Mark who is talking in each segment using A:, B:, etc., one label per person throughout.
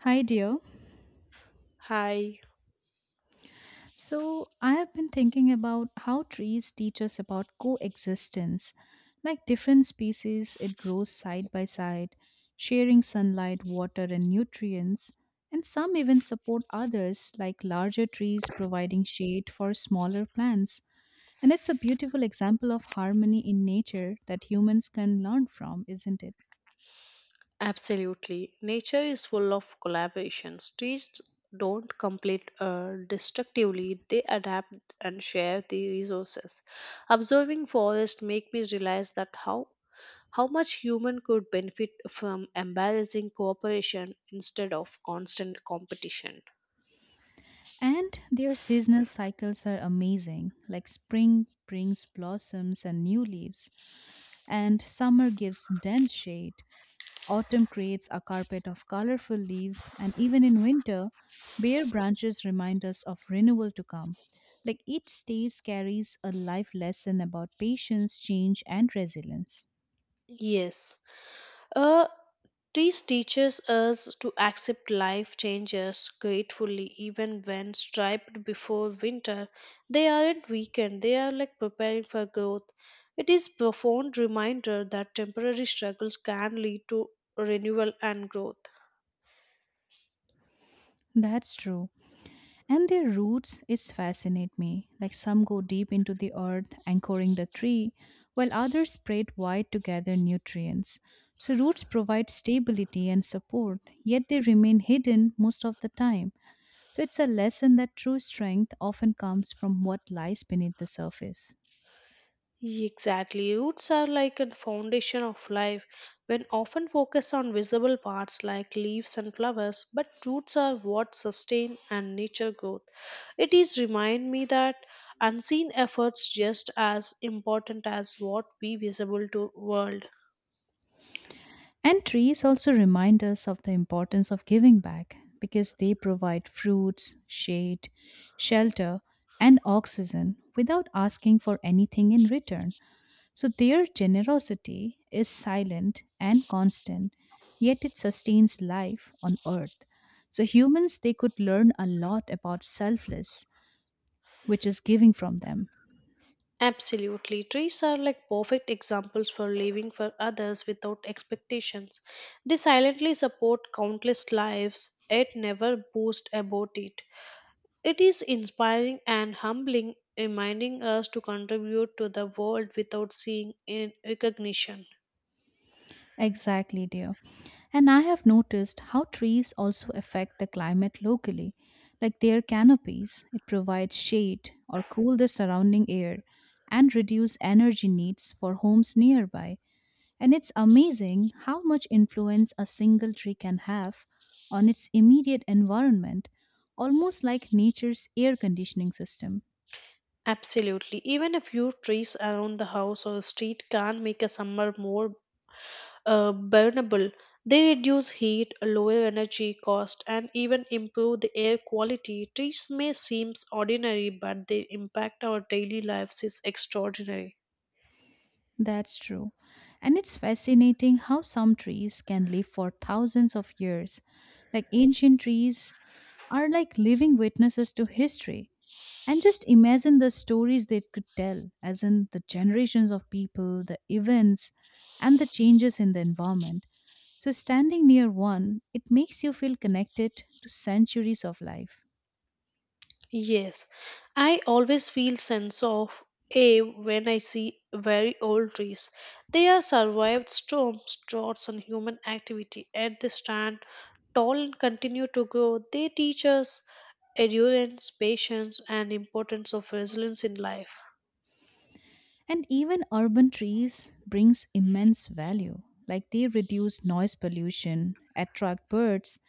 A: Hi, dear.
B: Hi,
A: So, I have been thinking about how trees teach us about coexistence. Like different species, it grows side by side, sharing sunlight, water, and nutrients. And some even support others, like larger trees providing shade for smaller plants. And it's a beautiful example of harmony in nature that humans can learn from, isn't it?
B: absolutely. Nature is full of collaborations. Trees don't complete destructively, they adapt and share the resources. Observing forest make me realize that how much human could benefit from embarrassing cooperation instead of constant competition.
A: And their seasonal cycles are amazing, like spring brings blossoms and new leaves, and summer gives dense shade. Autumn creates a carpet of colorful leaves, and even in winter, bare branches remind us of renewal to come. Like each stage carries a life lesson about patience, change, and resilience.
B: Yes. Uh Trees teaches us to accept life changes gratefully, even when striped before winter. They aren't weakened, they are like preparing for growth. It is profound reminder that temporary struggles can lead to renewal and growth.
A: That's true. And their roots is fascinate me, like some go deep into the earth anchoring the tree, while others spread wide to gather nutrients. So roots provide stability and support, yet they remain hidden most of the time. So it's a lesson that true strength often comes from what lies beneath the surface.
B: Exactly. Roots are like a foundation of life. When often focused on visible parts like leaves and flowers, but roots are what sustain and nature growth. It is remind me that unseen efforts just as important as what we visible to world.
A: And trees also remind us of the importance of giving back, because they provide fruits, shade, shelter, and oxygen without asking for anything in return. So their generosity is silent and constant, yet it sustains life on earth. So humans, they could learn a lot about selfless, which is giving from them.
B: Absolutely. Trees are like perfect examples for living for others without expectations. They silently support countless lives, yet never boast about it. It is inspiring and humbling, reminding us to contribute to the world without seeing in recognition.
A: Exactly, dear. And I have noticed how trees also affect the climate locally, like their canopies. It provides shade or cool the surrounding air and reduce energy needs for homes nearby. And it's amazing how much influence a single tree can have on its immediate environment, almost like nature's air conditioning system.
B: Absolutely. Even a few trees around the house or street can make a summer more burnable. They reduce heat, lower energy cost, and even improve the air quality. Trees may seem ordinary, but their impact our daily lives is extraordinary.
A: That's true. And it's fascinating how some trees can live for thousands of years. Like ancient trees are like living witnesses to history. And just imagine the stories they could tell, as in the generations of people, the events, and the changes in the environment. So, standing near one, it makes you feel connected to centuries of life.
B: Yes, I always feel sense of awe when I see very old trees. They have survived storms, droughts, and human activity, yet they stand tall and continue to grow. They teach us endurance, patience, and importance of resilience in life.
A: And even urban trees brings immense value, like they reduce noise pollution, attract birds,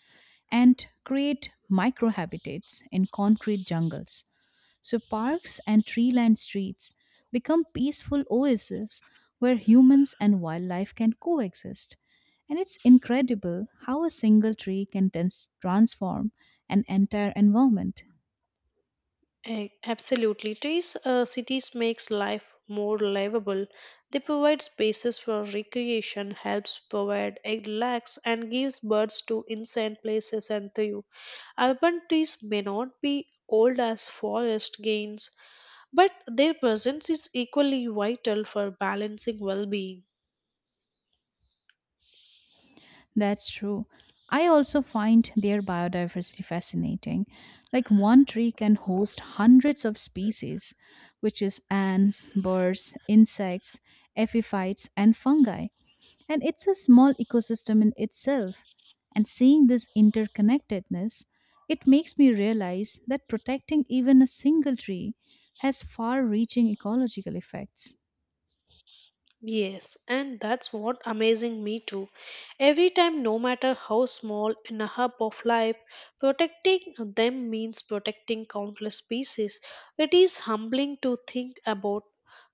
A: and create microhabitats in concrete jungles. So parks and tree-lined streets become peaceful oases where humans and wildlife can coexist. And it's incredible how a single tree can transform an entire environment.
B: Absolutely, trees cities makes life more livable. They provide spaces for recreation, helps provide egg lacks, and gives birds to insane places and thrive. Urban trees may not be old as forest gains, but their presence is equally vital for balancing well being.
A: That's true. I also find their biodiversity fascinating. Like one tree can host hundreds of species, which is ants, birds, insects, epiphytes, and fungi. And it's a small ecosystem in itself. And seeing this interconnectedness, it makes me realize that protecting even a single tree has far reaching ecological effects.
B: Yes, and that's what amazing me too. Every time, no matter how small, in a hub of life, protecting them means protecting countless species. It is humbling to think about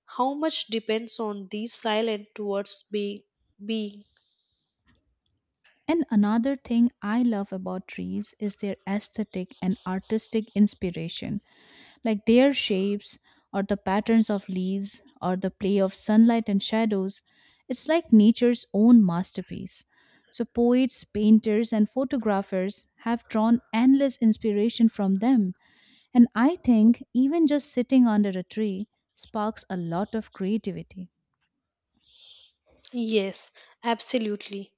B: how much depends on these silent towards be being.
A: And another thing I love about trees is their aesthetic and artistic inspiration. Like their shapes or the patterns of leaves or the play of sunlight and shadows. It's like nature's own masterpiece. So, poets, painters, and photographers have drawn endless inspiration from them. And I think even just sitting under a tree sparks a lot of creativity.
B: Yes, absolutely.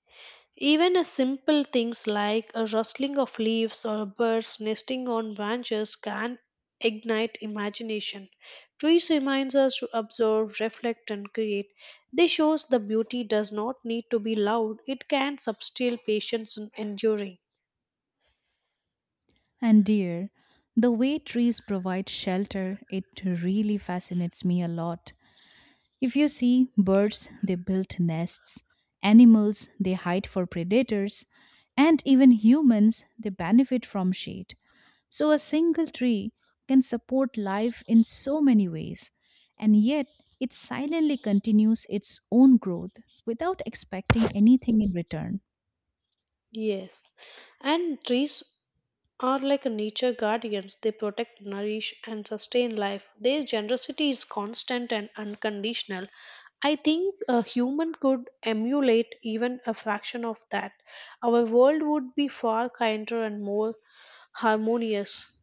B: Even a simple things like a rustling of leaves or birds nesting on branches can ignite imagination. Trees reminds us to observe, reflect and create. They shows the beauty does not need to be loud. It can substill patience and enduring.
A: And, dear, the way trees provide shelter, it really fascinates me a lot. If you see birds, they build nests, animals, they hide for predators, and even humans, they benefit from shade. So a single tree can support life in so many ways, and yet it silently continues its own growth without expecting anything in return.
B: Yes. And trees are like nature guardians. They protect, nourish, and sustain life. Their generosity is constant and unconditional. I think a human could emulate even a fraction of that. Our world would be far kinder and more harmonious.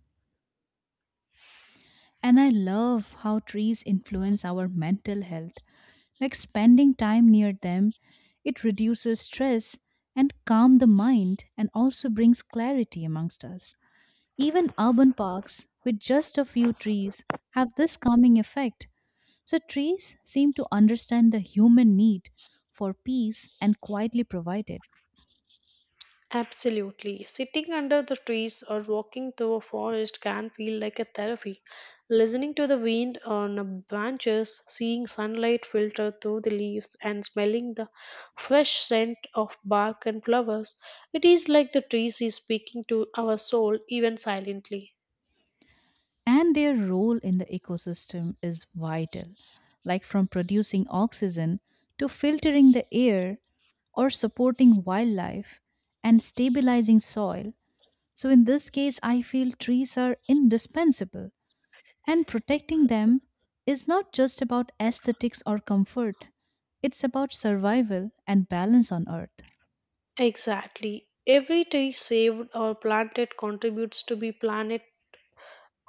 A: And I love how trees influence our mental health. Like spending time near them, it reduces stress and calm the mind and also brings clarity amongst us. Even urban parks with just a few trees have this calming effect. So trees seem to understand the human need for peace and quietly provide it.
B: Absolutely. Sitting under the trees or walking through a forest can feel like a therapy. Listening to the wind on the branches, seeing sunlight filter through the leaves, and smelling the fresh scent of bark and flowers, it is like the trees is speaking to our soul, even silently.
A: And their role in the ecosystem is vital, like from producing oxygen to filtering the air or supporting wildlife and stabilizing soil. So, in this case, I feel trees are indispensable, and protecting them is not just about aesthetics or comfort, it's about survival and balance on Earth.
B: Exactly. Every tree saved or planted contributes to the planet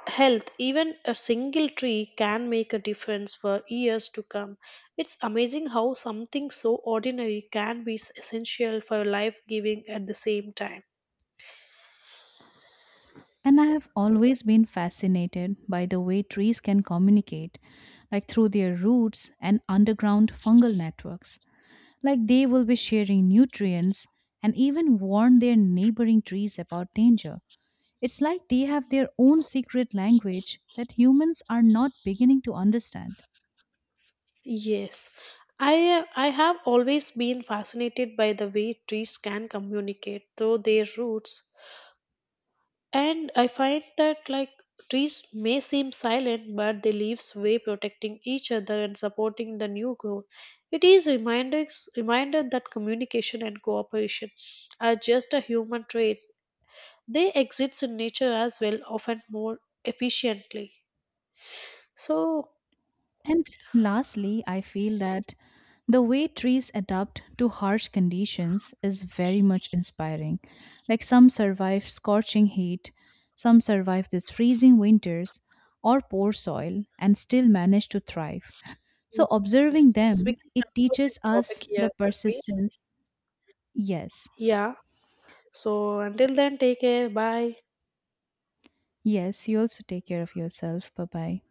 B: health. Even a single tree can make a difference for years to come. It's amazing how something so ordinary can be essential for life giving at the same time.
A: And I have always been fascinated by the way trees can communicate, like through their roots and underground fungal networks. Like they will be sharing nutrients and even warn their neighboring trees about danger. It's like they have their own secret language that humans are not beginning to understand.
B: Yes, I have always been fascinated by the way trees can communicate through their roots. And I find that, like, trees may seem silent, but they leaves way protecting each other and supporting the new growth. It is reminder that communication and cooperation are just a human traits. They exist in nature as well, often more efficiently. So
A: And lastly, I feel that the way trees adapt to harsh conditions is very much inspiring. Like some survive scorching heat, some survive these freezing winters or poor soil and still manage to thrive. So
B: yes, yes,
A: observing
B: yes. We
A: them,
B: can
A: it
B: conclude
A: teaches
B: this topic
A: us
B: here,
A: the
B: Tanvir.
A: persistence. Yes.
B: Yeah. So until then, take care. Bye.
A: Yes, you also take care of yourself. Bye bye.